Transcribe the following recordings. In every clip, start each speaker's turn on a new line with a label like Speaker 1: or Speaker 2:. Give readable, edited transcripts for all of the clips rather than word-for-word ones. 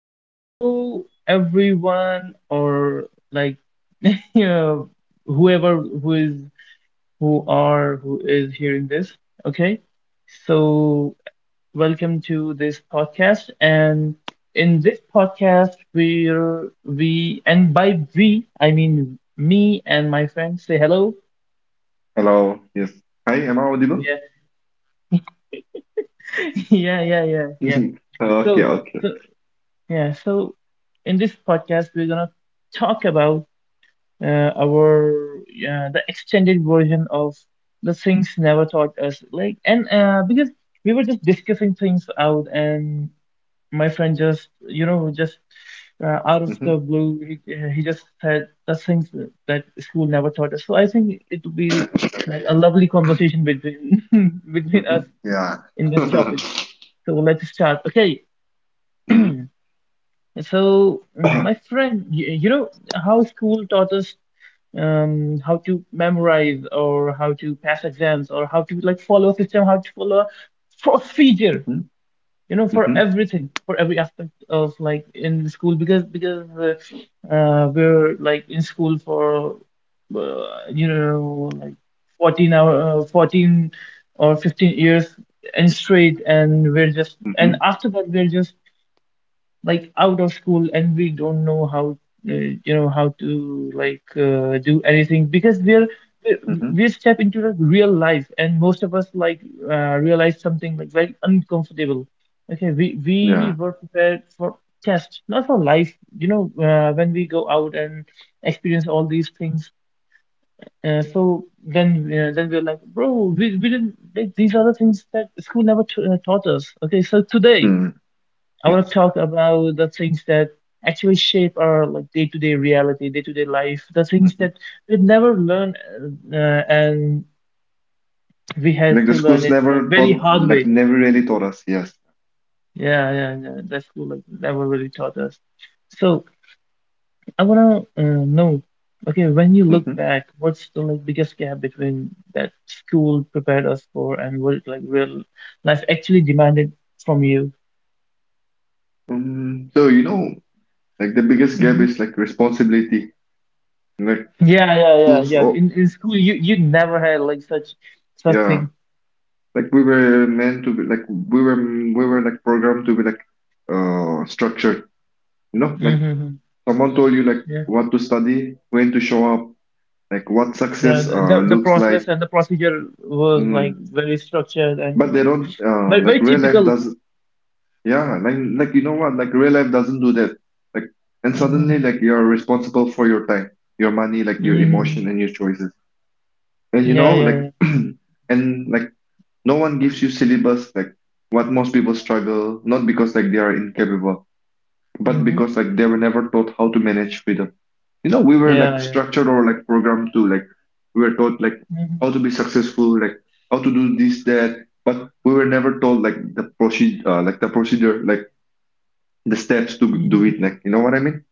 Speaker 1: hello everyone, or like you know, whoever who is hearing this. Okay, so welcome to this podcast, and in this podcast, we're we and by we I mean me and my friend. Say hello.
Speaker 2: Hello. Yes. Hi, am I audible?
Speaker 1: Yeah, yeah, yeah, yeah, yeah.
Speaker 2: Okay,
Speaker 1: So,
Speaker 2: okay.
Speaker 1: so yeah, so in this podcast, we're gonna talk about our the extended version of the things never taught us like and because we were just discussing things out and my friend just out of the
Speaker 2: Mhm,
Speaker 1: blue he just said the things that school never taught us, so I think it would be like a
Speaker 2: yes.
Speaker 1: lovely conversation between between us
Speaker 2: Mhm, yeah.
Speaker 1: in this
Speaker 2: Mhm,
Speaker 1: topic. So let's start. Okay, so my friend, you know how school taught us how to memorize, or how to pass exams, or how to like follow a system, how to follow a procedure,
Speaker 2: mhm,
Speaker 1: you know, for
Speaker 2: mhm,
Speaker 1: everything, for every aspect of like in school, because we're like in school for uh, you know, like 14 hour, 14 or 15 years, and straight, and we're just and
Speaker 2: mhm,
Speaker 1: after that we're just like out of school, and we don't know how, you know, how to like do anything,
Speaker 2: mhm.
Speaker 1: because we step into the real life, and most of us like realize something like very uncomfortable. Okay, we
Speaker 2: Yeah.
Speaker 1: we were prepared for test, not for life, you know. When we go out and experience all these things, uh, so then we're like, bro, we didn't like, these are the things that school never taught us. Okay, so today
Speaker 2: Mm,
Speaker 1: I want to
Speaker 2: yes.
Speaker 1: talk about the things that actually shape our like day-to-day reality, day-to-day life, the things
Speaker 2: Mhm.
Speaker 1: that we never learn, and we had
Speaker 2: Like the
Speaker 1: to learn
Speaker 2: schools
Speaker 1: it like
Speaker 2: never
Speaker 1: very
Speaker 2: taught,
Speaker 1: hard
Speaker 2: like
Speaker 1: way.
Speaker 2: never really taught us. Yes.
Speaker 1: Yeah, yeah, yeah. That's cool. Like never really taught us. So I wanna know, okay, when you look
Speaker 2: Mhm.
Speaker 1: back, what's the like biggest gap between that school prepared us for and what like real life actually demanded from you?
Speaker 2: So, like the biggest gap
Speaker 1: Mm-hmm.
Speaker 2: is like responsibility. Like
Speaker 1: Yeah, yeah, yeah,
Speaker 2: schools,
Speaker 1: yeah.
Speaker 2: oh
Speaker 1: In school, you never had like such such
Speaker 2: yeah.
Speaker 1: thing.
Speaker 2: Like we were meant to be, like we were like programmed to be like structured. You know, like.
Speaker 1: Mm-hmm.
Speaker 2: Someone told you like
Speaker 1: Yeah,
Speaker 2: what to study, when to show up, like what
Speaker 1: yeah.
Speaker 2: success
Speaker 1: The
Speaker 2: looks
Speaker 1: process
Speaker 2: like.
Speaker 1: and the procedure was like
Speaker 2: Mm.
Speaker 1: very structured and
Speaker 2: But they
Speaker 1: like
Speaker 2: don't,
Speaker 1: very
Speaker 2: like
Speaker 1: very
Speaker 2: real life
Speaker 1: typical.
Speaker 2: doesn't. Yeah, like you know what? Like real life doesn't do that. Like and suddenly
Speaker 1: Mm-hmm.
Speaker 2: like you're responsible for your time, your money, like your emotion
Speaker 1: Hmm.
Speaker 2: and your choices. And you know
Speaker 1: Yeah, yeah,
Speaker 2: like
Speaker 1: yeah, yeah.
Speaker 2: and like no one gives you syllabus like what most people struggle, not because like they are incapable, but
Speaker 1: Mm-hmm.
Speaker 2: because like they were never taught how to manage freedom. You know we were like
Speaker 1: Yeah, yeah.
Speaker 2: structured or like programmed to like we were taught like
Speaker 1: Mm-hmm.
Speaker 2: how to be successful, like how to do this that, but we were never told like the procedure, like the steps to do
Speaker 1: Hmm.
Speaker 2: it, like you know what I mean.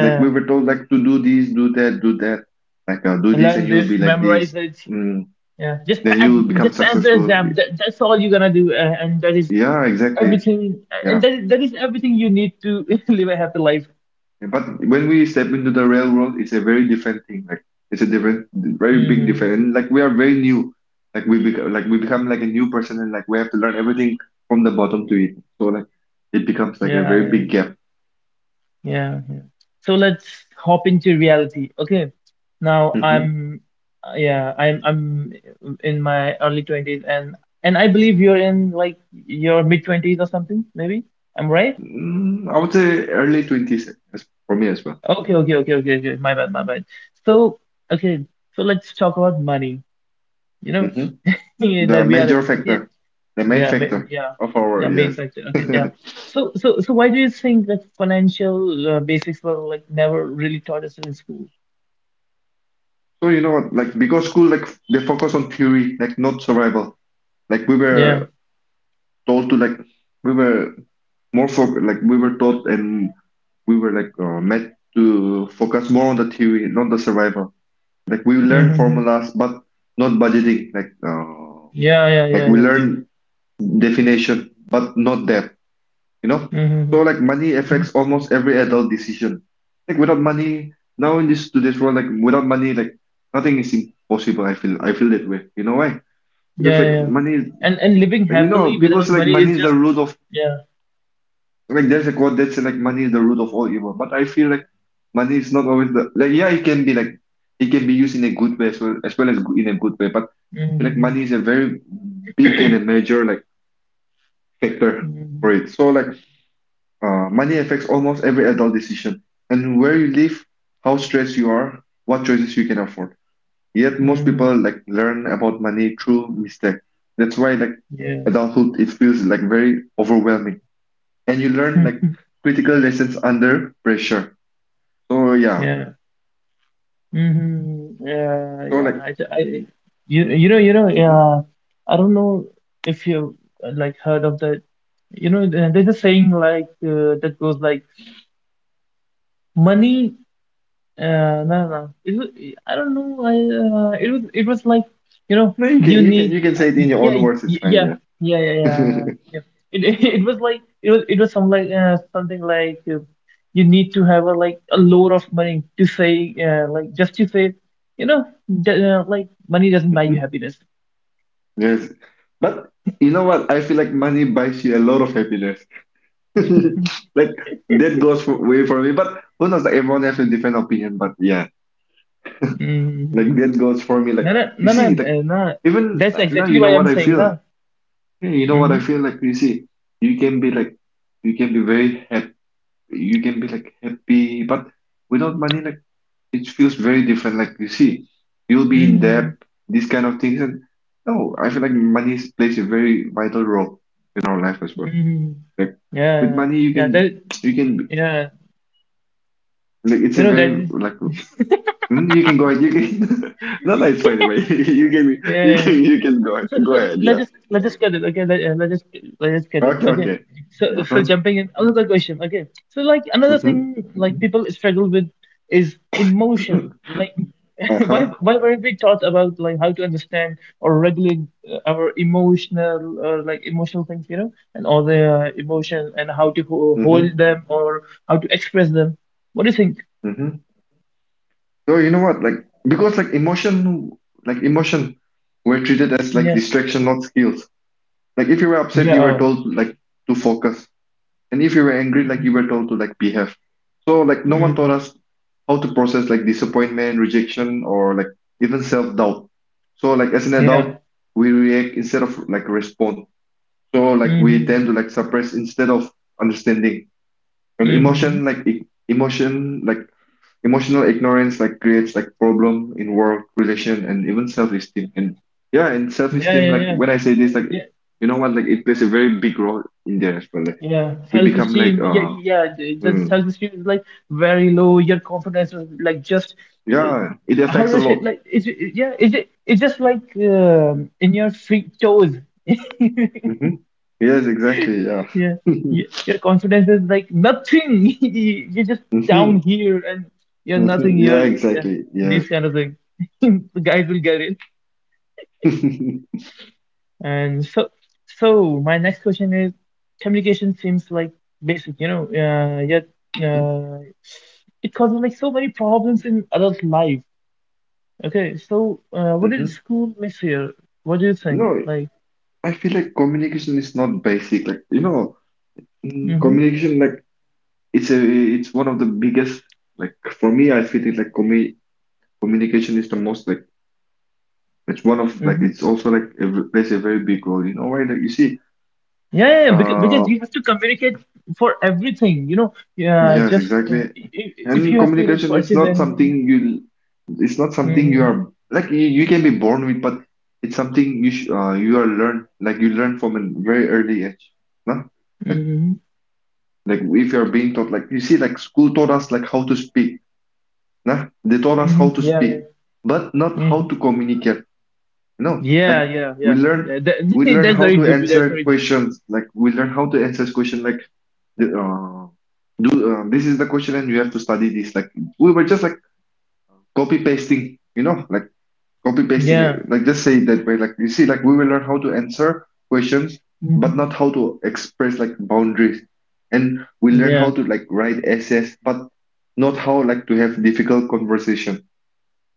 Speaker 2: Like we were told like to do this, do that, like do this and
Speaker 1: Learn
Speaker 2: you will
Speaker 1: this,
Speaker 2: be like
Speaker 1: memorize
Speaker 2: this,
Speaker 1: it.
Speaker 2: mm,
Speaker 1: Yeah. Just
Speaker 2: then
Speaker 1: pass,
Speaker 2: you will become
Speaker 1: just pass the
Speaker 2: successful.
Speaker 1: exam. That's all you're gonna do, and that is
Speaker 2: Yeah, exactly.
Speaker 1: everything. And
Speaker 2: Yeah.
Speaker 1: that is everything you need to live a happy life.
Speaker 2: Yeah, but when we step into the real world, it's a very different thing. Like it's a different, very big
Speaker 1: Mm-hmm.
Speaker 2: different. And like we are very new. Like we become, like we become like a new person, and like we have to learn everything from the bottom to it. So like it becomes like a
Speaker 1: Yeah,
Speaker 2: very
Speaker 1: yeah.
Speaker 2: big gap.
Speaker 1: Yeah, yeah. So let's hop into reality. Okay. Now
Speaker 2: Mm-hmm.
Speaker 1: I'm, yeah, I'm in my early 20s, and I believe you're in like your mid 20s or something, maybe. I'm right?
Speaker 2: I would say early 20s as for me as well.
Speaker 1: Okay, okay, okay, okay, okay. My bad, my bad. So, okay, so let's talk about money, you know,
Speaker 2: Hmm. The
Speaker 1: the
Speaker 2: major
Speaker 1: reality. Okay.
Speaker 2: factor, the main
Speaker 1: Yeah, ma-
Speaker 2: factor
Speaker 1: yeah.
Speaker 2: of our,
Speaker 1: Yeah, main
Speaker 2: yes.
Speaker 1: factor. Okay, yeah. So why do you think that financial basics were like never really taught us in school?
Speaker 2: So you know what, like because school, like they focus on theory, like not survival. Like we
Speaker 1: Yeah.
Speaker 2: were told to like we were more for like we were taught, and we were like meant to focus more on the theory, not the survival. Like we learn
Speaker 1: Mm-hmm.
Speaker 2: formulas, but not budgeting. Like,
Speaker 1: Yeah, yeah,
Speaker 2: like
Speaker 1: yeah,
Speaker 2: we
Speaker 1: yeah, yeah.
Speaker 2: learn definition, but not depth. You know.
Speaker 1: Mm-hmm.
Speaker 2: So like money affects
Speaker 1: Mm-hmm.
Speaker 2: almost every adult decision. Like without money, now in this today's world, like without money, like nothing is impossible. I feel that way. You know why? Because
Speaker 1: Yeah, yeah,
Speaker 2: like
Speaker 1: yeah.
Speaker 2: money, is-
Speaker 1: And living
Speaker 2: like, you
Speaker 1: happily
Speaker 2: know, people
Speaker 1: without
Speaker 2: say like
Speaker 1: money
Speaker 2: money
Speaker 1: is
Speaker 2: is the
Speaker 1: just
Speaker 2: root of.
Speaker 1: yeah.
Speaker 2: Like there's a quote that says like money is the root of all evil, but I feel like money is not always the like, yeah, it can be like it can be used in a good way, as well as go- in a good way, but I feel like
Speaker 1: Mm-hmm.
Speaker 2: money is a very big and a major like factor
Speaker 1: Mm-hmm.
Speaker 2: for it. So like, money affects almost every adult decision and where you live, how stressed you are, what choices you can afford. Yet most
Speaker 1: Mm-hmm.
Speaker 2: people like learn about money through mistake. That's why like
Speaker 1: Yeah.
Speaker 2: adulthood it feels like very overwhelming, and you learn like critical lessons under pressure. So yeah,
Speaker 1: Yeah. Mm-hmm. Yeah,
Speaker 2: so
Speaker 1: yeah.
Speaker 2: like,
Speaker 1: I, ju- I, you, you know,
Speaker 2: mhm.
Speaker 1: yeah. I don't know if you like heard of that. You know, there's a saying like that goes like money. No, no, no. It was, I don't know. I it was like you know
Speaker 2: No, you can
Speaker 1: you
Speaker 2: you can
Speaker 1: need
Speaker 2: you can say it in your own words. It's fine.
Speaker 1: yeah
Speaker 2: Yeah.
Speaker 1: yeah yeah yeah yeah. It, it was some like something like you need to have a like a load of money to say like just to say you know like money doesn't buy you
Speaker 2: Mhm.
Speaker 1: happiness.
Speaker 2: Yes, but you know what? I feel like money buys you a lot of happiness. Like that goes for, way for me. But who knows? Like everyone has a different opinion. But yeah,
Speaker 1: Hmm.
Speaker 2: like that goes for me.
Speaker 1: No
Speaker 2: Like
Speaker 1: no
Speaker 2: you
Speaker 1: no no
Speaker 2: see, like
Speaker 1: no.
Speaker 2: even,
Speaker 1: That's
Speaker 2: now
Speaker 1: exactly
Speaker 2: you know
Speaker 1: what I'm
Speaker 2: what I
Speaker 1: saying
Speaker 2: feel.
Speaker 1: now.
Speaker 2: Yeah, you know what I
Speaker 1: Mm-hmm.
Speaker 2: feel. Like you see, you can be like you can be very happy, you can be like happy, but without money, like it feels very different. Like you see, you'll be in debt,
Speaker 1: Mm-hmm.
Speaker 2: these kind of things, and no, I feel like money is- plays a very vital role in our life as well.
Speaker 1: Mm-hmm.
Speaker 2: Like
Speaker 1: Yeah
Speaker 2: with
Speaker 1: yeah
Speaker 2: money, you
Speaker 1: yeah.
Speaker 2: can
Speaker 1: That
Speaker 2: you can be-,
Speaker 1: yeah.
Speaker 2: like it's
Speaker 1: You
Speaker 2: a
Speaker 1: know
Speaker 2: very
Speaker 1: that.
Speaker 2: like, hmm, you can go ahead. You can not that it's, by the way. You can
Speaker 1: Yeah,
Speaker 2: you
Speaker 1: yeah, yeah.
Speaker 2: can you can go ahead,
Speaker 1: So,
Speaker 2: go
Speaker 1: so
Speaker 2: ahead. Yeah.
Speaker 1: let's just get it. Okay, let, let's just get it.
Speaker 2: Okay.
Speaker 1: Okay.
Speaker 2: Okay.
Speaker 1: So,
Speaker 2: Uh
Speaker 1: so
Speaker 2: huh.
Speaker 1: jumping in another question. Okay. So like another
Speaker 2: Mm-hmm.
Speaker 1: thing like people struggle with is emotion. Like
Speaker 2: Uh huh.
Speaker 1: why weren't we taught about like how to understand or regulate our emotional like emotional things, you know, and all the emotion, and how to ho
Speaker 2: Mm-hmm.
Speaker 1: hold them, or how to express them. What do you think?
Speaker 2: No, you know what? Like because like emotion, were treated as like
Speaker 1: Yeah.
Speaker 2: distraction, not skills. Like if you were upset,
Speaker 1: Yeah.
Speaker 2: you were told like to focus, and if you were angry, like you were told to like behave. So like no one taught
Speaker 1: Hmm.
Speaker 2: us how to process like disappointment, rejection, or like even self-doubt. So like as an
Speaker 1: Yeah.
Speaker 2: adult, we react instead of like respond. So like we tend
Speaker 1: Hmm.
Speaker 2: to like suppress instead of understanding. And
Speaker 1: Hmm.
Speaker 2: emotional ignorance like creates like problem in work, relation, and even self-esteem. And yeah, and
Speaker 1: Yeah,
Speaker 2: self-esteem,
Speaker 1: yeah,
Speaker 2: like
Speaker 1: yeah,
Speaker 2: when I say this, like
Speaker 1: yeah,
Speaker 2: you know what, like it plays a very big role in there as well. Like
Speaker 1: yeah.
Speaker 2: we become like
Speaker 1: Self-esteem, yeah, yeah. The
Speaker 2: mm,
Speaker 1: self-esteem is like very low. Your confidence is like just uh,
Speaker 2: yeah, it
Speaker 1: how
Speaker 2: affects a
Speaker 1: does it
Speaker 2: lot.
Speaker 1: like? Yeah. It's just like in your feet toes.
Speaker 2: Hmm. Yes, exactly. Yeah.
Speaker 1: Yeah, your confidence is like nothing. You're just
Speaker 2: Hmm.
Speaker 1: down here and you're
Speaker 2: Hmm.
Speaker 1: nothing.
Speaker 2: Yeah,
Speaker 1: You're yeah.
Speaker 2: exactly.
Speaker 1: This
Speaker 2: Yes.
Speaker 1: kind of thing. The guys will get it. And so, so my next question is, communication seems like basic, you know, yet
Speaker 2: Mhm.
Speaker 1: uh, it causes like so many problems in adult life. Okay, so what did
Speaker 2: Mm-hmm.
Speaker 1: school miss here? What do you think?
Speaker 2: No,
Speaker 1: Like,
Speaker 2: I feel like communication is not basic. Like, you know,
Speaker 1: mm-hmm,
Speaker 2: communication like it's one of the biggest, like for me I feel it like communication is the most like, it's one of like,
Speaker 1: mm-hmm.
Speaker 2: it's also like a, plays a very big role. You know why? Like you see,
Speaker 1: Yeah, yeah, yeah, because
Speaker 2: uh,
Speaker 1: you have to communicate for everything, you know. Yeah,
Speaker 2: yes,
Speaker 1: just
Speaker 2: exactly.
Speaker 1: if
Speaker 2: And
Speaker 1: you have to like
Speaker 2: communication is
Speaker 1: purchase
Speaker 2: not
Speaker 1: anything.
Speaker 2: something you, it's not
Speaker 1: Yeah.
Speaker 2: something you
Speaker 1: Mm-hmm,
Speaker 2: are like you can be born with, but it's something you sh you are learn like you learn from a very early age. Nah? Like
Speaker 1: mm-hmm,
Speaker 2: if you are being taught, like you see like school taught us like how to speak. Nah? They taught us
Speaker 1: mm-hmm.
Speaker 2: how to
Speaker 1: Yeah, yeah.
Speaker 2: speak, but not how
Speaker 1: Mm-hmm.
Speaker 2: to communicate. No, like
Speaker 1: Yeah, yeah,
Speaker 2: we
Speaker 1: yeah,
Speaker 2: learn
Speaker 1: yeah.
Speaker 2: we
Speaker 1: That,
Speaker 2: learn
Speaker 1: that's
Speaker 2: how
Speaker 1: very
Speaker 2: to
Speaker 1: deep. That's
Speaker 2: answer
Speaker 1: very deep.
Speaker 2: questions, like we learn how to answer question, like the, do this is the question and you have to study this, like we were just like copy pasting you know like copy pasting it,
Speaker 1: Yeah.
Speaker 2: like just say it that way, like you see like we will learn how to answer questions but not
Speaker 1: Mhm.
Speaker 2: how to express like boundaries, and we learn how
Speaker 1: Yeah,
Speaker 2: to like write essays but not how like to have difficult conversation.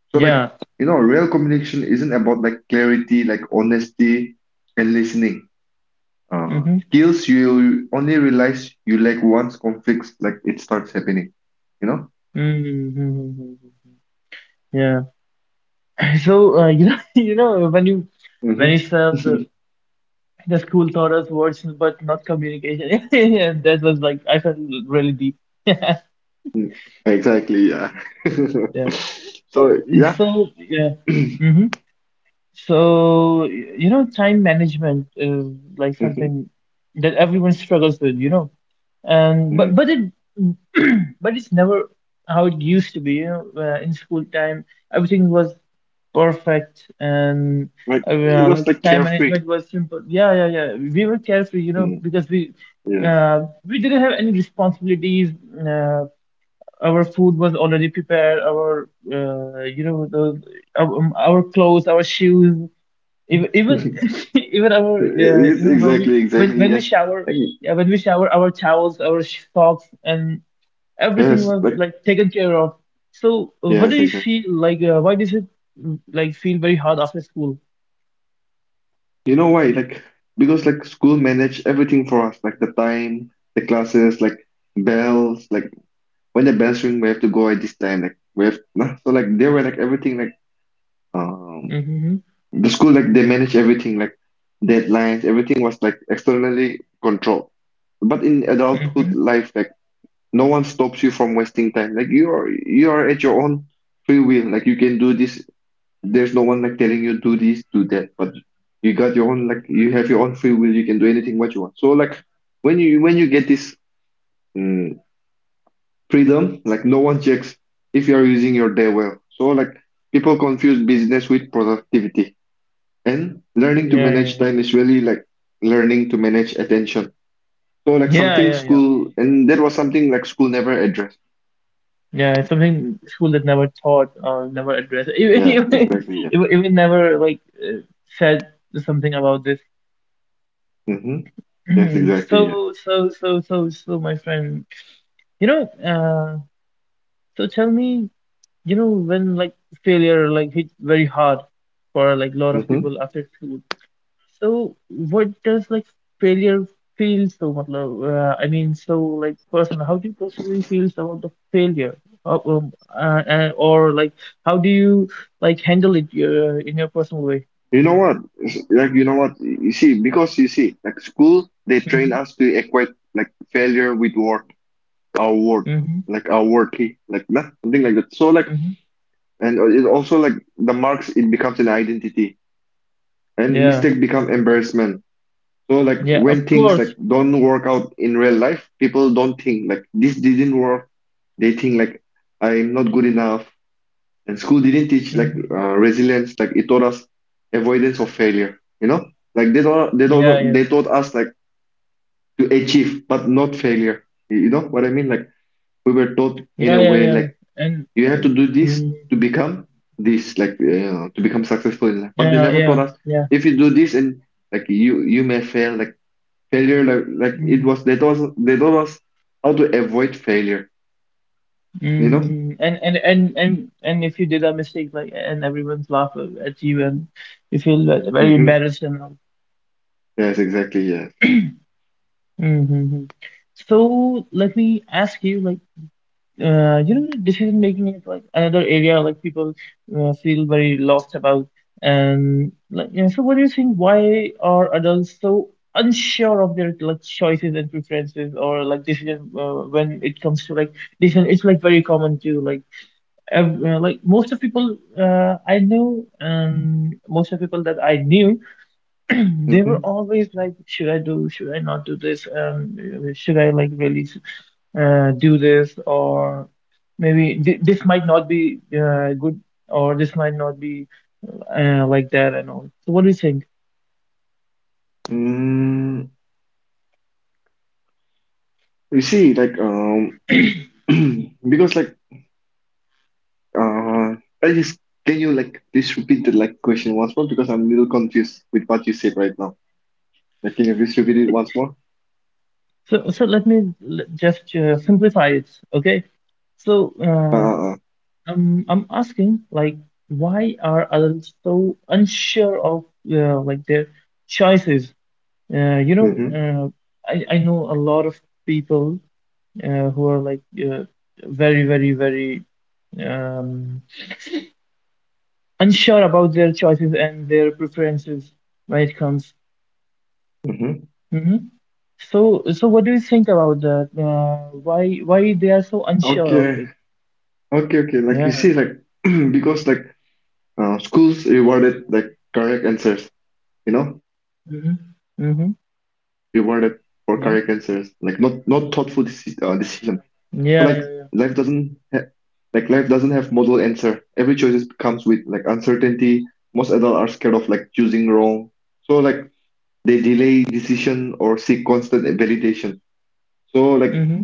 Speaker 2: So like,
Speaker 1: yeah.
Speaker 2: you know, real communication isn't about like clarity, like honesty and listening.
Speaker 1: Mm-hmm.
Speaker 2: Skills you only realize you lack once conflicts like it starts happening, you know?
Speaker 1: Mm-hmm. Mm-hmm. Mm-hmm. Yeah. So you know, when you said
Speaker 2: Mm-hmm.
Speaker 1: the school taught us words but not communication, yeah, that was like I felt really deep.
Speaker 2: Exactly, yeah.
Speaker 1: Yeah.
Speaker 2: So,
Speaker 1: So
Speaker 2: yeah.
Speaker 1: so yeah. Mm-hmm. So you know, time management is like
Speaker 2: Mhm,
Speaker 1: something that everyone struggles with. You know, and
Speaker 2: mm.
Speaker 1: but it but it's never how it used to be, you know. In school time everything was perfect, and
Speaker 2: Like it was
Speaker 1: like
Speaker 2: like
Speaker 1: time
Speaker 2: carefree.
Speaker 1: management was simple. Yeah yeah yeah, we were carefree, you know,
Speaker 2: Mm,
Speaker 1: because
Speaker 2: yes.
Speaker 1: we didn't have any responsibilities. uh, our food was already prepared, our our clothes, our shoes, even even even our you
Speaker 2: Yes,
Speaker 1: know how we
Speaker 2: exactly, exactly.
Speaker 1: when we
Speaker 2: Yes.
Speaker 1: shower,
Speaker 2: Like,
Speaker 1: yeah, when we shower, our towels, socks, and everything
Speaker 2: yes,
Speaker 1: was
Speaker 2: like
Speaker 1: like taken care of. So what do
Speaker 2: yes,
Speaker 1: you
Speaker 2: exactly.
Speaker 1: feel like, why does it like feel very hard after school?
Speaker 2: You know why? Like because like school managed everything for us, like the time, the classes, like bells, like when the bells ring, we have to go at this time. Like we have so like they were like everything like um
Speaker 1: Mm-hmm.
Speaker 2: the school like they managed everything like deadlines, everything was like externally controlled. But in adulthood
Speaker 1: Mm-hmm.
Speaker 2: life, like no one stops you from wasting time. Like you are at your own free will. Like you can do this, there's no one like telling you do this, do that, but you got your own like you have your own free will. You can do anything what you want. So like when you get this, mm, freedom, like no one checks if you are using your day well. So like people confuse business with productivity, and learning to
Speaker 1: Yeah
Speaker 2: manage
Speaker 1: yeah
Speaker 2: time is really like learning to manage attention. So like
Speaker 1: yeah yeah
Speaker 2: something
Speaker 1: yeah yeah.
Speaker 2: school, and that was something like school never addressed.
Speaker 1: Yeah, it's something school that never taught or never addressed, even
Speaker 2: Yeah,
Speaker 1: even,
Speaker 2: exactly. Yeah.
Speaker 1: even even never like uh, said something about this.
Speaker 2: Mm-hmm. Yes, exactly. Yeah.
Speaker 1: so so so so so my friend, you know, uh, so tell me, you know, when like failure like hit very hard for like a lot of
Speaker 2: Mhm.
Speaker 1: people after school. So what does like failure feel so much? No, uh, I mean, so like personal, how do you personally feel so about the failure? How, or like how do you like handle it in your personal way?
Speaker 2: You know what? It's- like you know what? Because you see, like school, they train
Speaker 1: Mm-hmm,
Speaker 2: us to equate like failure with work, our work,
Speaker 1: mm-hmm,
Speaker 2: like our worthy, like that, something like that. So like,
Speaker 1: mm-hmm.
Speaker 2: and it also like the marks, it becomes an identity, and
Speaker 1: Yeah,
Speaker 2: mistake become embarrassment. So like
Speaker 1: yeah,
Speaker 2: when
Speaker 1: of
Speaker 2: things
Speaker 1: course.
Speaker 2: like don't work out in real life, people don't think like this didn't work. They think like, I'm not good enough. And school didn't teach like,
Speaker 1: Mm-hmm.
Speaker 2: resilience, like it taught us avoidance of failure, you know? Like
Speaker 1: Yeah, yeah,
Speaker 2: they taught us like to achieve, but not failure. You know what I mean? Like we were taught in
Speaker 1: yeah,
Speaker 2: a
Speaker 1: yeah,
Speaker 2: way
Speaker 1: yeah,
Speaker 2: like
Speaker 1: and,
Speaker 2: you have to
Speaker 1: and
Speaker 2: do this
Speaker 1: mm,
Speaker 2: to become this, like to become successful in life. But they
Speaker 1: yeah,
Speaker 2: never
Speaker 1: yeah,
Speaker 2: taught us,
Speaker 1: yeah.
Speaker 2: if you do this and like you may fail. Like failure, like it
Speaker 1: Mm-hmm.
Speaker 2: was, they taught us how to avoid failure. You know?
Speaker 1: Mm, and if you did a mistake, like, and everyone's laugh at you, and you feel very
Speaker 2: Mm-hmm.
Speaker 1: embarrassed and all.
Speaker 2: Yes, exactly. Yes.
Speaker 1: Mm-hmm. So let me ask you, like, you know, decision making is like another area like people feel very lost about, and like, yeah, so what do you think? Why are adults so unsure of their like choices and preferences, or like decision, when it comes to like decision? It's like very common to like like most of people I know, and most of people that I knew, they were
Speaker 2: Mm-hmm.
Speaker 1: always like, should I do, should I not do this, should I like really do this, or maybe th this might not be good, or this might not be, like that and all. So what do you think?
Speaker 2: Mm. You see, like because like uh, I just can you like please repeat the like question once more because I'm a little confused with what you said right now. Like, can you please repeat it once more?
Speaker 1: So so let me l- just uh, simplify it, okay? So
Speaker 2: Uh, uh, uh.
Speaker 1: um, I'm asking, like, why are adults so unsure of like their choices? You know,
Speaker 2: Mm-hmm,
Speaker 1: I know a lot of people who are like very, very, very um, unsure about their choices and their preferences when it comes.
Speaker 2: mm-hmm.
Speaker 1: Hmm. So, what do you think about that? Why they are so unsure of
Speaker 2: Okay,
Speaker 1: it?
Speaker 2: okay, okay. Like you
Speaker 1: Yeah.
Speaker 2: see, like because like schools rewarded like correct answers. You know, like we were
Speaker 1: Mm-hmm.
Speaker 2: rewarded
Speaker 1: Mm-hmm.
Speaker 2: for correct answers, like not
Speaker 1: Yeah.
Speaker 2: not thoughtful decision. So like life
Speaker 1: Yeah. Yeah.
Speaker 2: doesn't Like life doesn't have model answer. Every choice comes with like uncertainty. Most adults are scared of like choosing wrong. So like they delay decision or seek constant validation. So like
Speaker 1: Mm-hmm.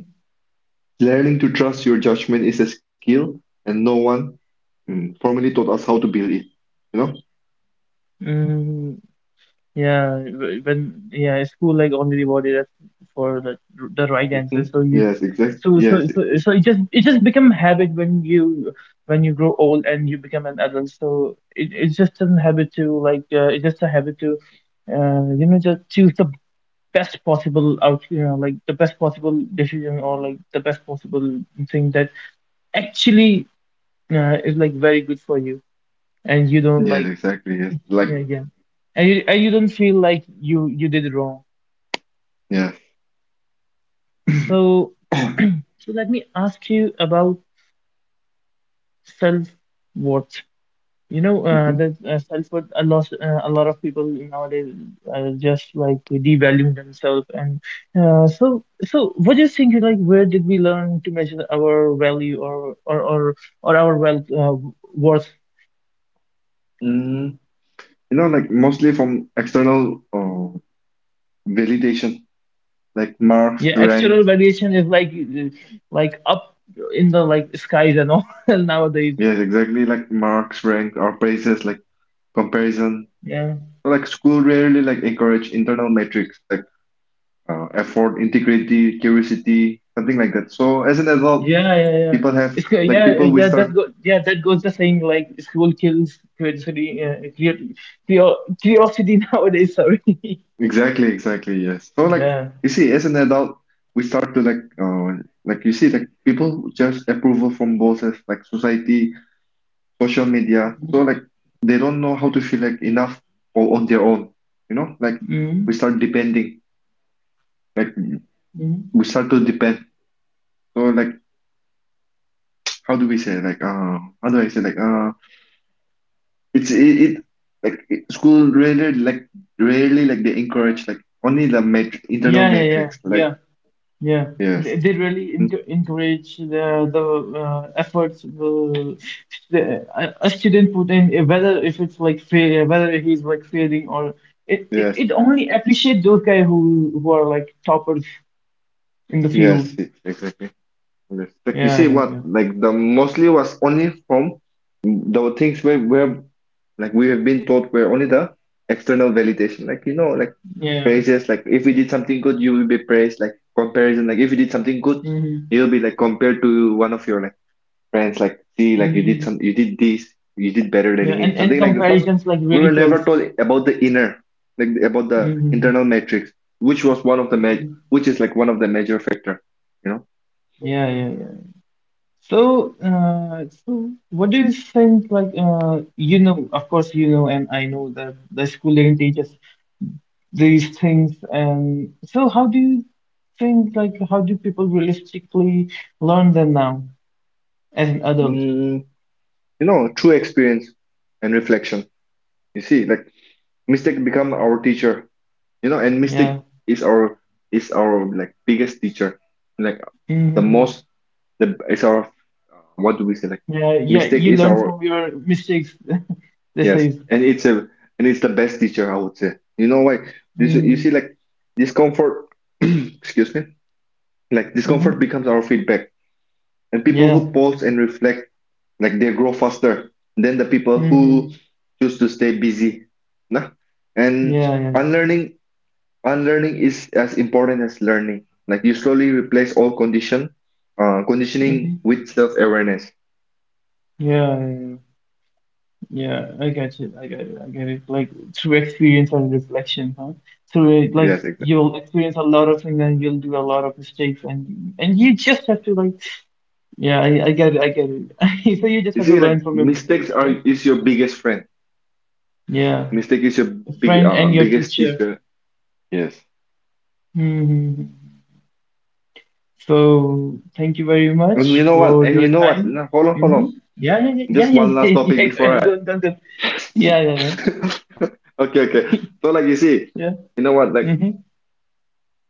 Speaker 2: learning to trust your judgment is a skill and no one formally taught us how to build it. You know?
Speaker 1: Mm-hmm. Yeah, when yeah, school like only rewarded us for the right answer.
Speaker 2: Hmm.
Speaker 1: So you just
Speaker 2: Yes, exactly. Yes.
Speaker 1: it just become habit when you grow old and you become an adult. So it's just a habit to like it's just a habit to just choose the best possible out, like the best possible decision or like the best possible thing that actually is like very good for you and you don't
Speaker 2: Yes,
Speaker 1: like
Speaker 2: exactly. Yes.
Speaker 1: yeah
Speaker 2: Like
Speaker 1: yeah and you don't feel like you did wrong.
Speaker 2: yes.
Speaker 1: So, so let me ask you about self-worth.
Speaker 2: Mhm.
Speaker 1: The self-worth, a lot of people nowadays are just like devaluing themselves. And so, so what do you think? Like, where did we learn to measure our value or or our wealth worth?
Speaker 2: Mm, you know, like mostly from external validation, like marks,
Speaker 1: Yeah,
Speaker 2: rank.
Speaker 1: external valuation is like up in the like skies and all nowadays.
Speaker 2: Yes, exactly, like marks, rank, or praises, like comparison.
Speaker 1: Yeah.
Speaker 2: Like school rarely like encourage internal metrics like effort, integrity, curiosity, something like that. So as an adult,
Speaker 1: Yeah, yeah, yeah.
Speaker 2: people have like people we
Speaker 1: Yeah. That's
Speaker 2: start
Speaker 1: go yeah. That goes the saying like school kills curiosity. Curiosity nowadays. Sorry.
Speaker 2: exactly, exactly, yes. So like
Speaker 1: Yeah.
Speaker 2: you see, as an adult, we start to like you see like people just approval from bosses, like society, social media. So like they don't know how to feel like enough or on their own. You know, like we
Speaker 1: mm
Speaker 2: start depending like
Speaker 1: mm
Speaker 2: we start to depend or like how do I say it's it, school really like they encourage like only the mat internal
Speaker 1: Yeah, yeah, yeah,
Speaker 2: matrix like
Speaker 1: yeah, yeah.
Speaker 2: yes,
Speaker 1: They really
Speaker 2: mhm,
Speaker 1: encourage the efforts the a student put in, whether if it's like fail, whether he's like failing or it, it,
Speaker 2: yes,
Speaker 1: it only appreciate those guys who are like toppers in the field.
Speaker 2: exactly. Yes. Like you
Speaker 1: Yeah,
Speaker 2: see
Speaker 1: yeah, yeah.
Speaker 2: what like the mostly was only from the things where like we have been taught were only the external validation. Like you know, like
Speaker 1: Yeah.
Speaker 2: praises, like if we did something good, you will be praised, like comparison, like if you did something good,
Speaker 1: hmm
Speaker 2: you'll be like compared to one of your like friends, like see, like
Speaker 1: hmm
Speaker 2: you did this, you did better than
Speaker 1: Yeah. And
Speaker 2: him, something like that. But
Speaker 1: comparisons like
Speaker 2: we
Speaker 1: really
Speaker 2: were never
Speaker 1: kills.
Speaker 2: taught about the inner, like about the
Speaker 1: hmm
Speaker 2: internal metrics, which was one of the ma
Speaker 1: hmm
Speaker 2: which is like one of the major factor, you know.
Speaker 1: Yeah. Yeah. Yeah. So, so what do you think? Like, you know, of course, you know, and I know that the school didn't teach us these things. And so, how do you think? Like, how do people realistically learn them now as an adult?
Speaker 2: You know, through experience and reflection. You see, like mistake become our teacher, you know, and mistake
Speaker 1: Yeah.
Speaker 2: is our is our like biggest teacher, like the most
Speaker 1: hmm
Speaker 2: the it's our what do we say like
Speaker 1: Yeah. Yeah.
Speaker 2: mistake
Speaker 1: You
Speaker 2: is
Speaker 1: learn
Speaker 2: our
Speaker 1: from your mistakes. This
Speaker 2: yes,
Speaker 1: is.
Speaker 2: and it's a and it's the best teacher, I would say. You know why? This, you
Speaker 1: Mm-hmm.
Speaker 2: see, like discomfort excuse me, like discomfort becomes our feedback, and people
Speaker 1: Yeah.
Speaker 2: who pause and reflect, like they grow faster than the people who
Speaker 1: Mm-hmm.
Speaker 2: choose to stay busy, nah? And
Speaker 1: Yeah, yeah.
Speaker 2: unlearning unlearning is as important as learning, like you slowly replace all conditioning
Speaker 1: Mm-hmm.
Speaker 2: with self-awareness.
Speaker 1: Yeah, yeah, yeah. Yeah, I get it. I get it. I get it. Like through experience and reflection, huh? Through it, like
Speaker 2: Yes, exactly.
Speaker 1: you'll experience a lot of things and you'll do a lot of mistakes and you just have to like yeah, I get it. I get it. So you just
Speaker 2: You
Speaker 1: have to
Speaker 2: see,
Speaker 1: learn
Speaker 2: like
Speaker 1: from your
Speaker 2: mistakes
Speaker 1: mistakes,
Speaker 2: are
Speaker 1: right?
Speaker 2: is your biggest friend,
Speaker 1: Yeah.
Speaker 2: mistake is your
Speaker 1: A friend and your
Speaker 2: biggest
Speaker 1: teacher.
Speaker 2: teacher. Yes,
Speaker 1: hmm So thank you very
Speaker 2: and
Speaker 1: much for your
Speaker 2: you know what,
Speaker 1: time.
Speaker 2: nah, hold on,
Speaker 1: hmm Yeah, yeah, yeah,
Speaker 2: just
Speaker 1: yeah,
Speaker 2: one last
Speaker 1: yeah, yeah,
Speaker 2: topic before
Speaker 1: yeah.
Speaker 2: I
Speaker 1: Go on, go go. Yeah, yeah,
Speaker 2: okay, okay. So like you see,
Speaker 1: yeah.
Speaker 2: you know what,
Speaker 1: Yeah.
Speaker 2: like
Speaker 1: hmm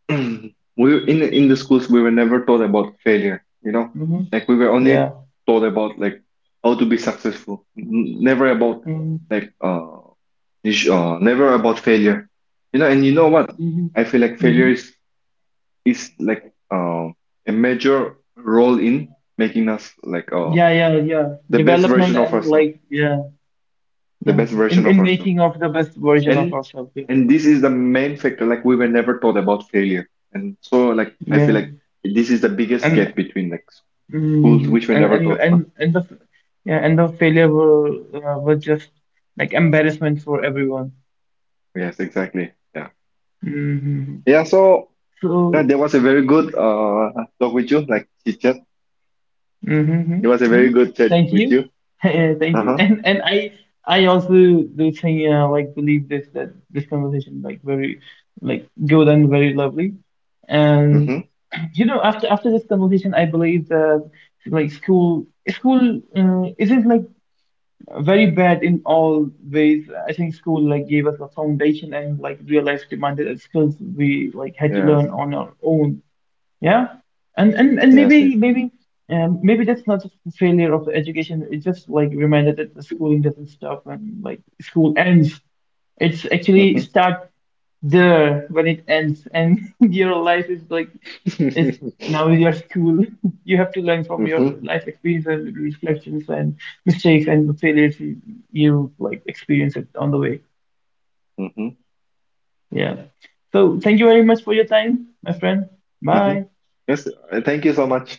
Speaker 2: we in the schools we were never taught about failure, you know,
Speaker 1: hmm
Speaker 2: like we were only
Speaker 1: Yeah.
Speaker 2: taught about like how to be successful. Never about
Speaker 1: Mm-hmm.
Speaker 2: like never about failure, you know, and you know what, I feel like failure
Speaker 1: hmm
Speaker 2: is like a major role in making us
Speaker 1: Yeah, yeah, yeah.
Speaker 2: the best
Speaker 1: Development
Speaker 2: version of
Speaker 1: and
Speaker 2: ourselves
Speaker 1: like yeah,
Speaker 2: the
Speaker 1: yeah.
Speaker 2: best version of
Speaker 1: In
Speaker 2: ourselves,
Speaker 1: making of the best version of
Speaker 2: and
Speaker 1: ourselves. Yeah.
Speaker 2: and this is the main factor, like we were never taught about failure, and so like I feel like
Speaker 1: Yeah.
Speaker 2: this is the biggest
Speaker 1: And
Speaker 2: gap between like schools which were
Speaker 1: and
Speaker 2: never
Speaker 1: and
Speaker 2: taught, no?
Speaker 1: and and the yeah, and the failure were just like embarrassment for everyone.
Speaker 2: Yes, exactly. Yeah,
Speaker 1: hmm
Speaker 2: yeah. So
Speaker 1: So
Speaker 2: there was a very good talk with you, like chit chat,
Speaker 1: Mm-hmm.
Speaker 2: it was a
Speaker 1: hmm
Speaker 2: very good chat
Speaker 1: Thank
Speaker 2: with you.
Speaker 1: you. Yeah, thank you.
Speaker 2: Uh-huh.
Speaker 1: And I also do think like believe this that this conversation like very like good and very lovely. And
Speaker 2: Mm-hmm.
Speaker 1: you know after this conversation I believe that like school isn't like very bad in all ways. I think school like gave us a foundation and like real life demanded us skills we like had to
Speaker 2: Yes,
Speaker 1: learn on our own. Yeah, and and
Speaker 2: yes.
Speaker 1: maybe maybe maybe that's not just a failure of the education. It's just like reminded that the schooling doesn't stop when like school ends. It's actually
Speaker 2: Mm-hmm.
Speaker 1: start there when it ends, and your life is like is
Speaker 2: Mm-hmm.
Speaker 1: now your school. You have to learn from your
Speaker 2: Mm-hmm.
Speaker 1: life experiences, reflections, and mistakes and the failures you, you like experience it on the way. Yeah. So thank you very much for your time, my friend.
Speaker 2: Mm-hmm.
Speaker 1: Bye.
Speaker 2: Yes, thank you so much.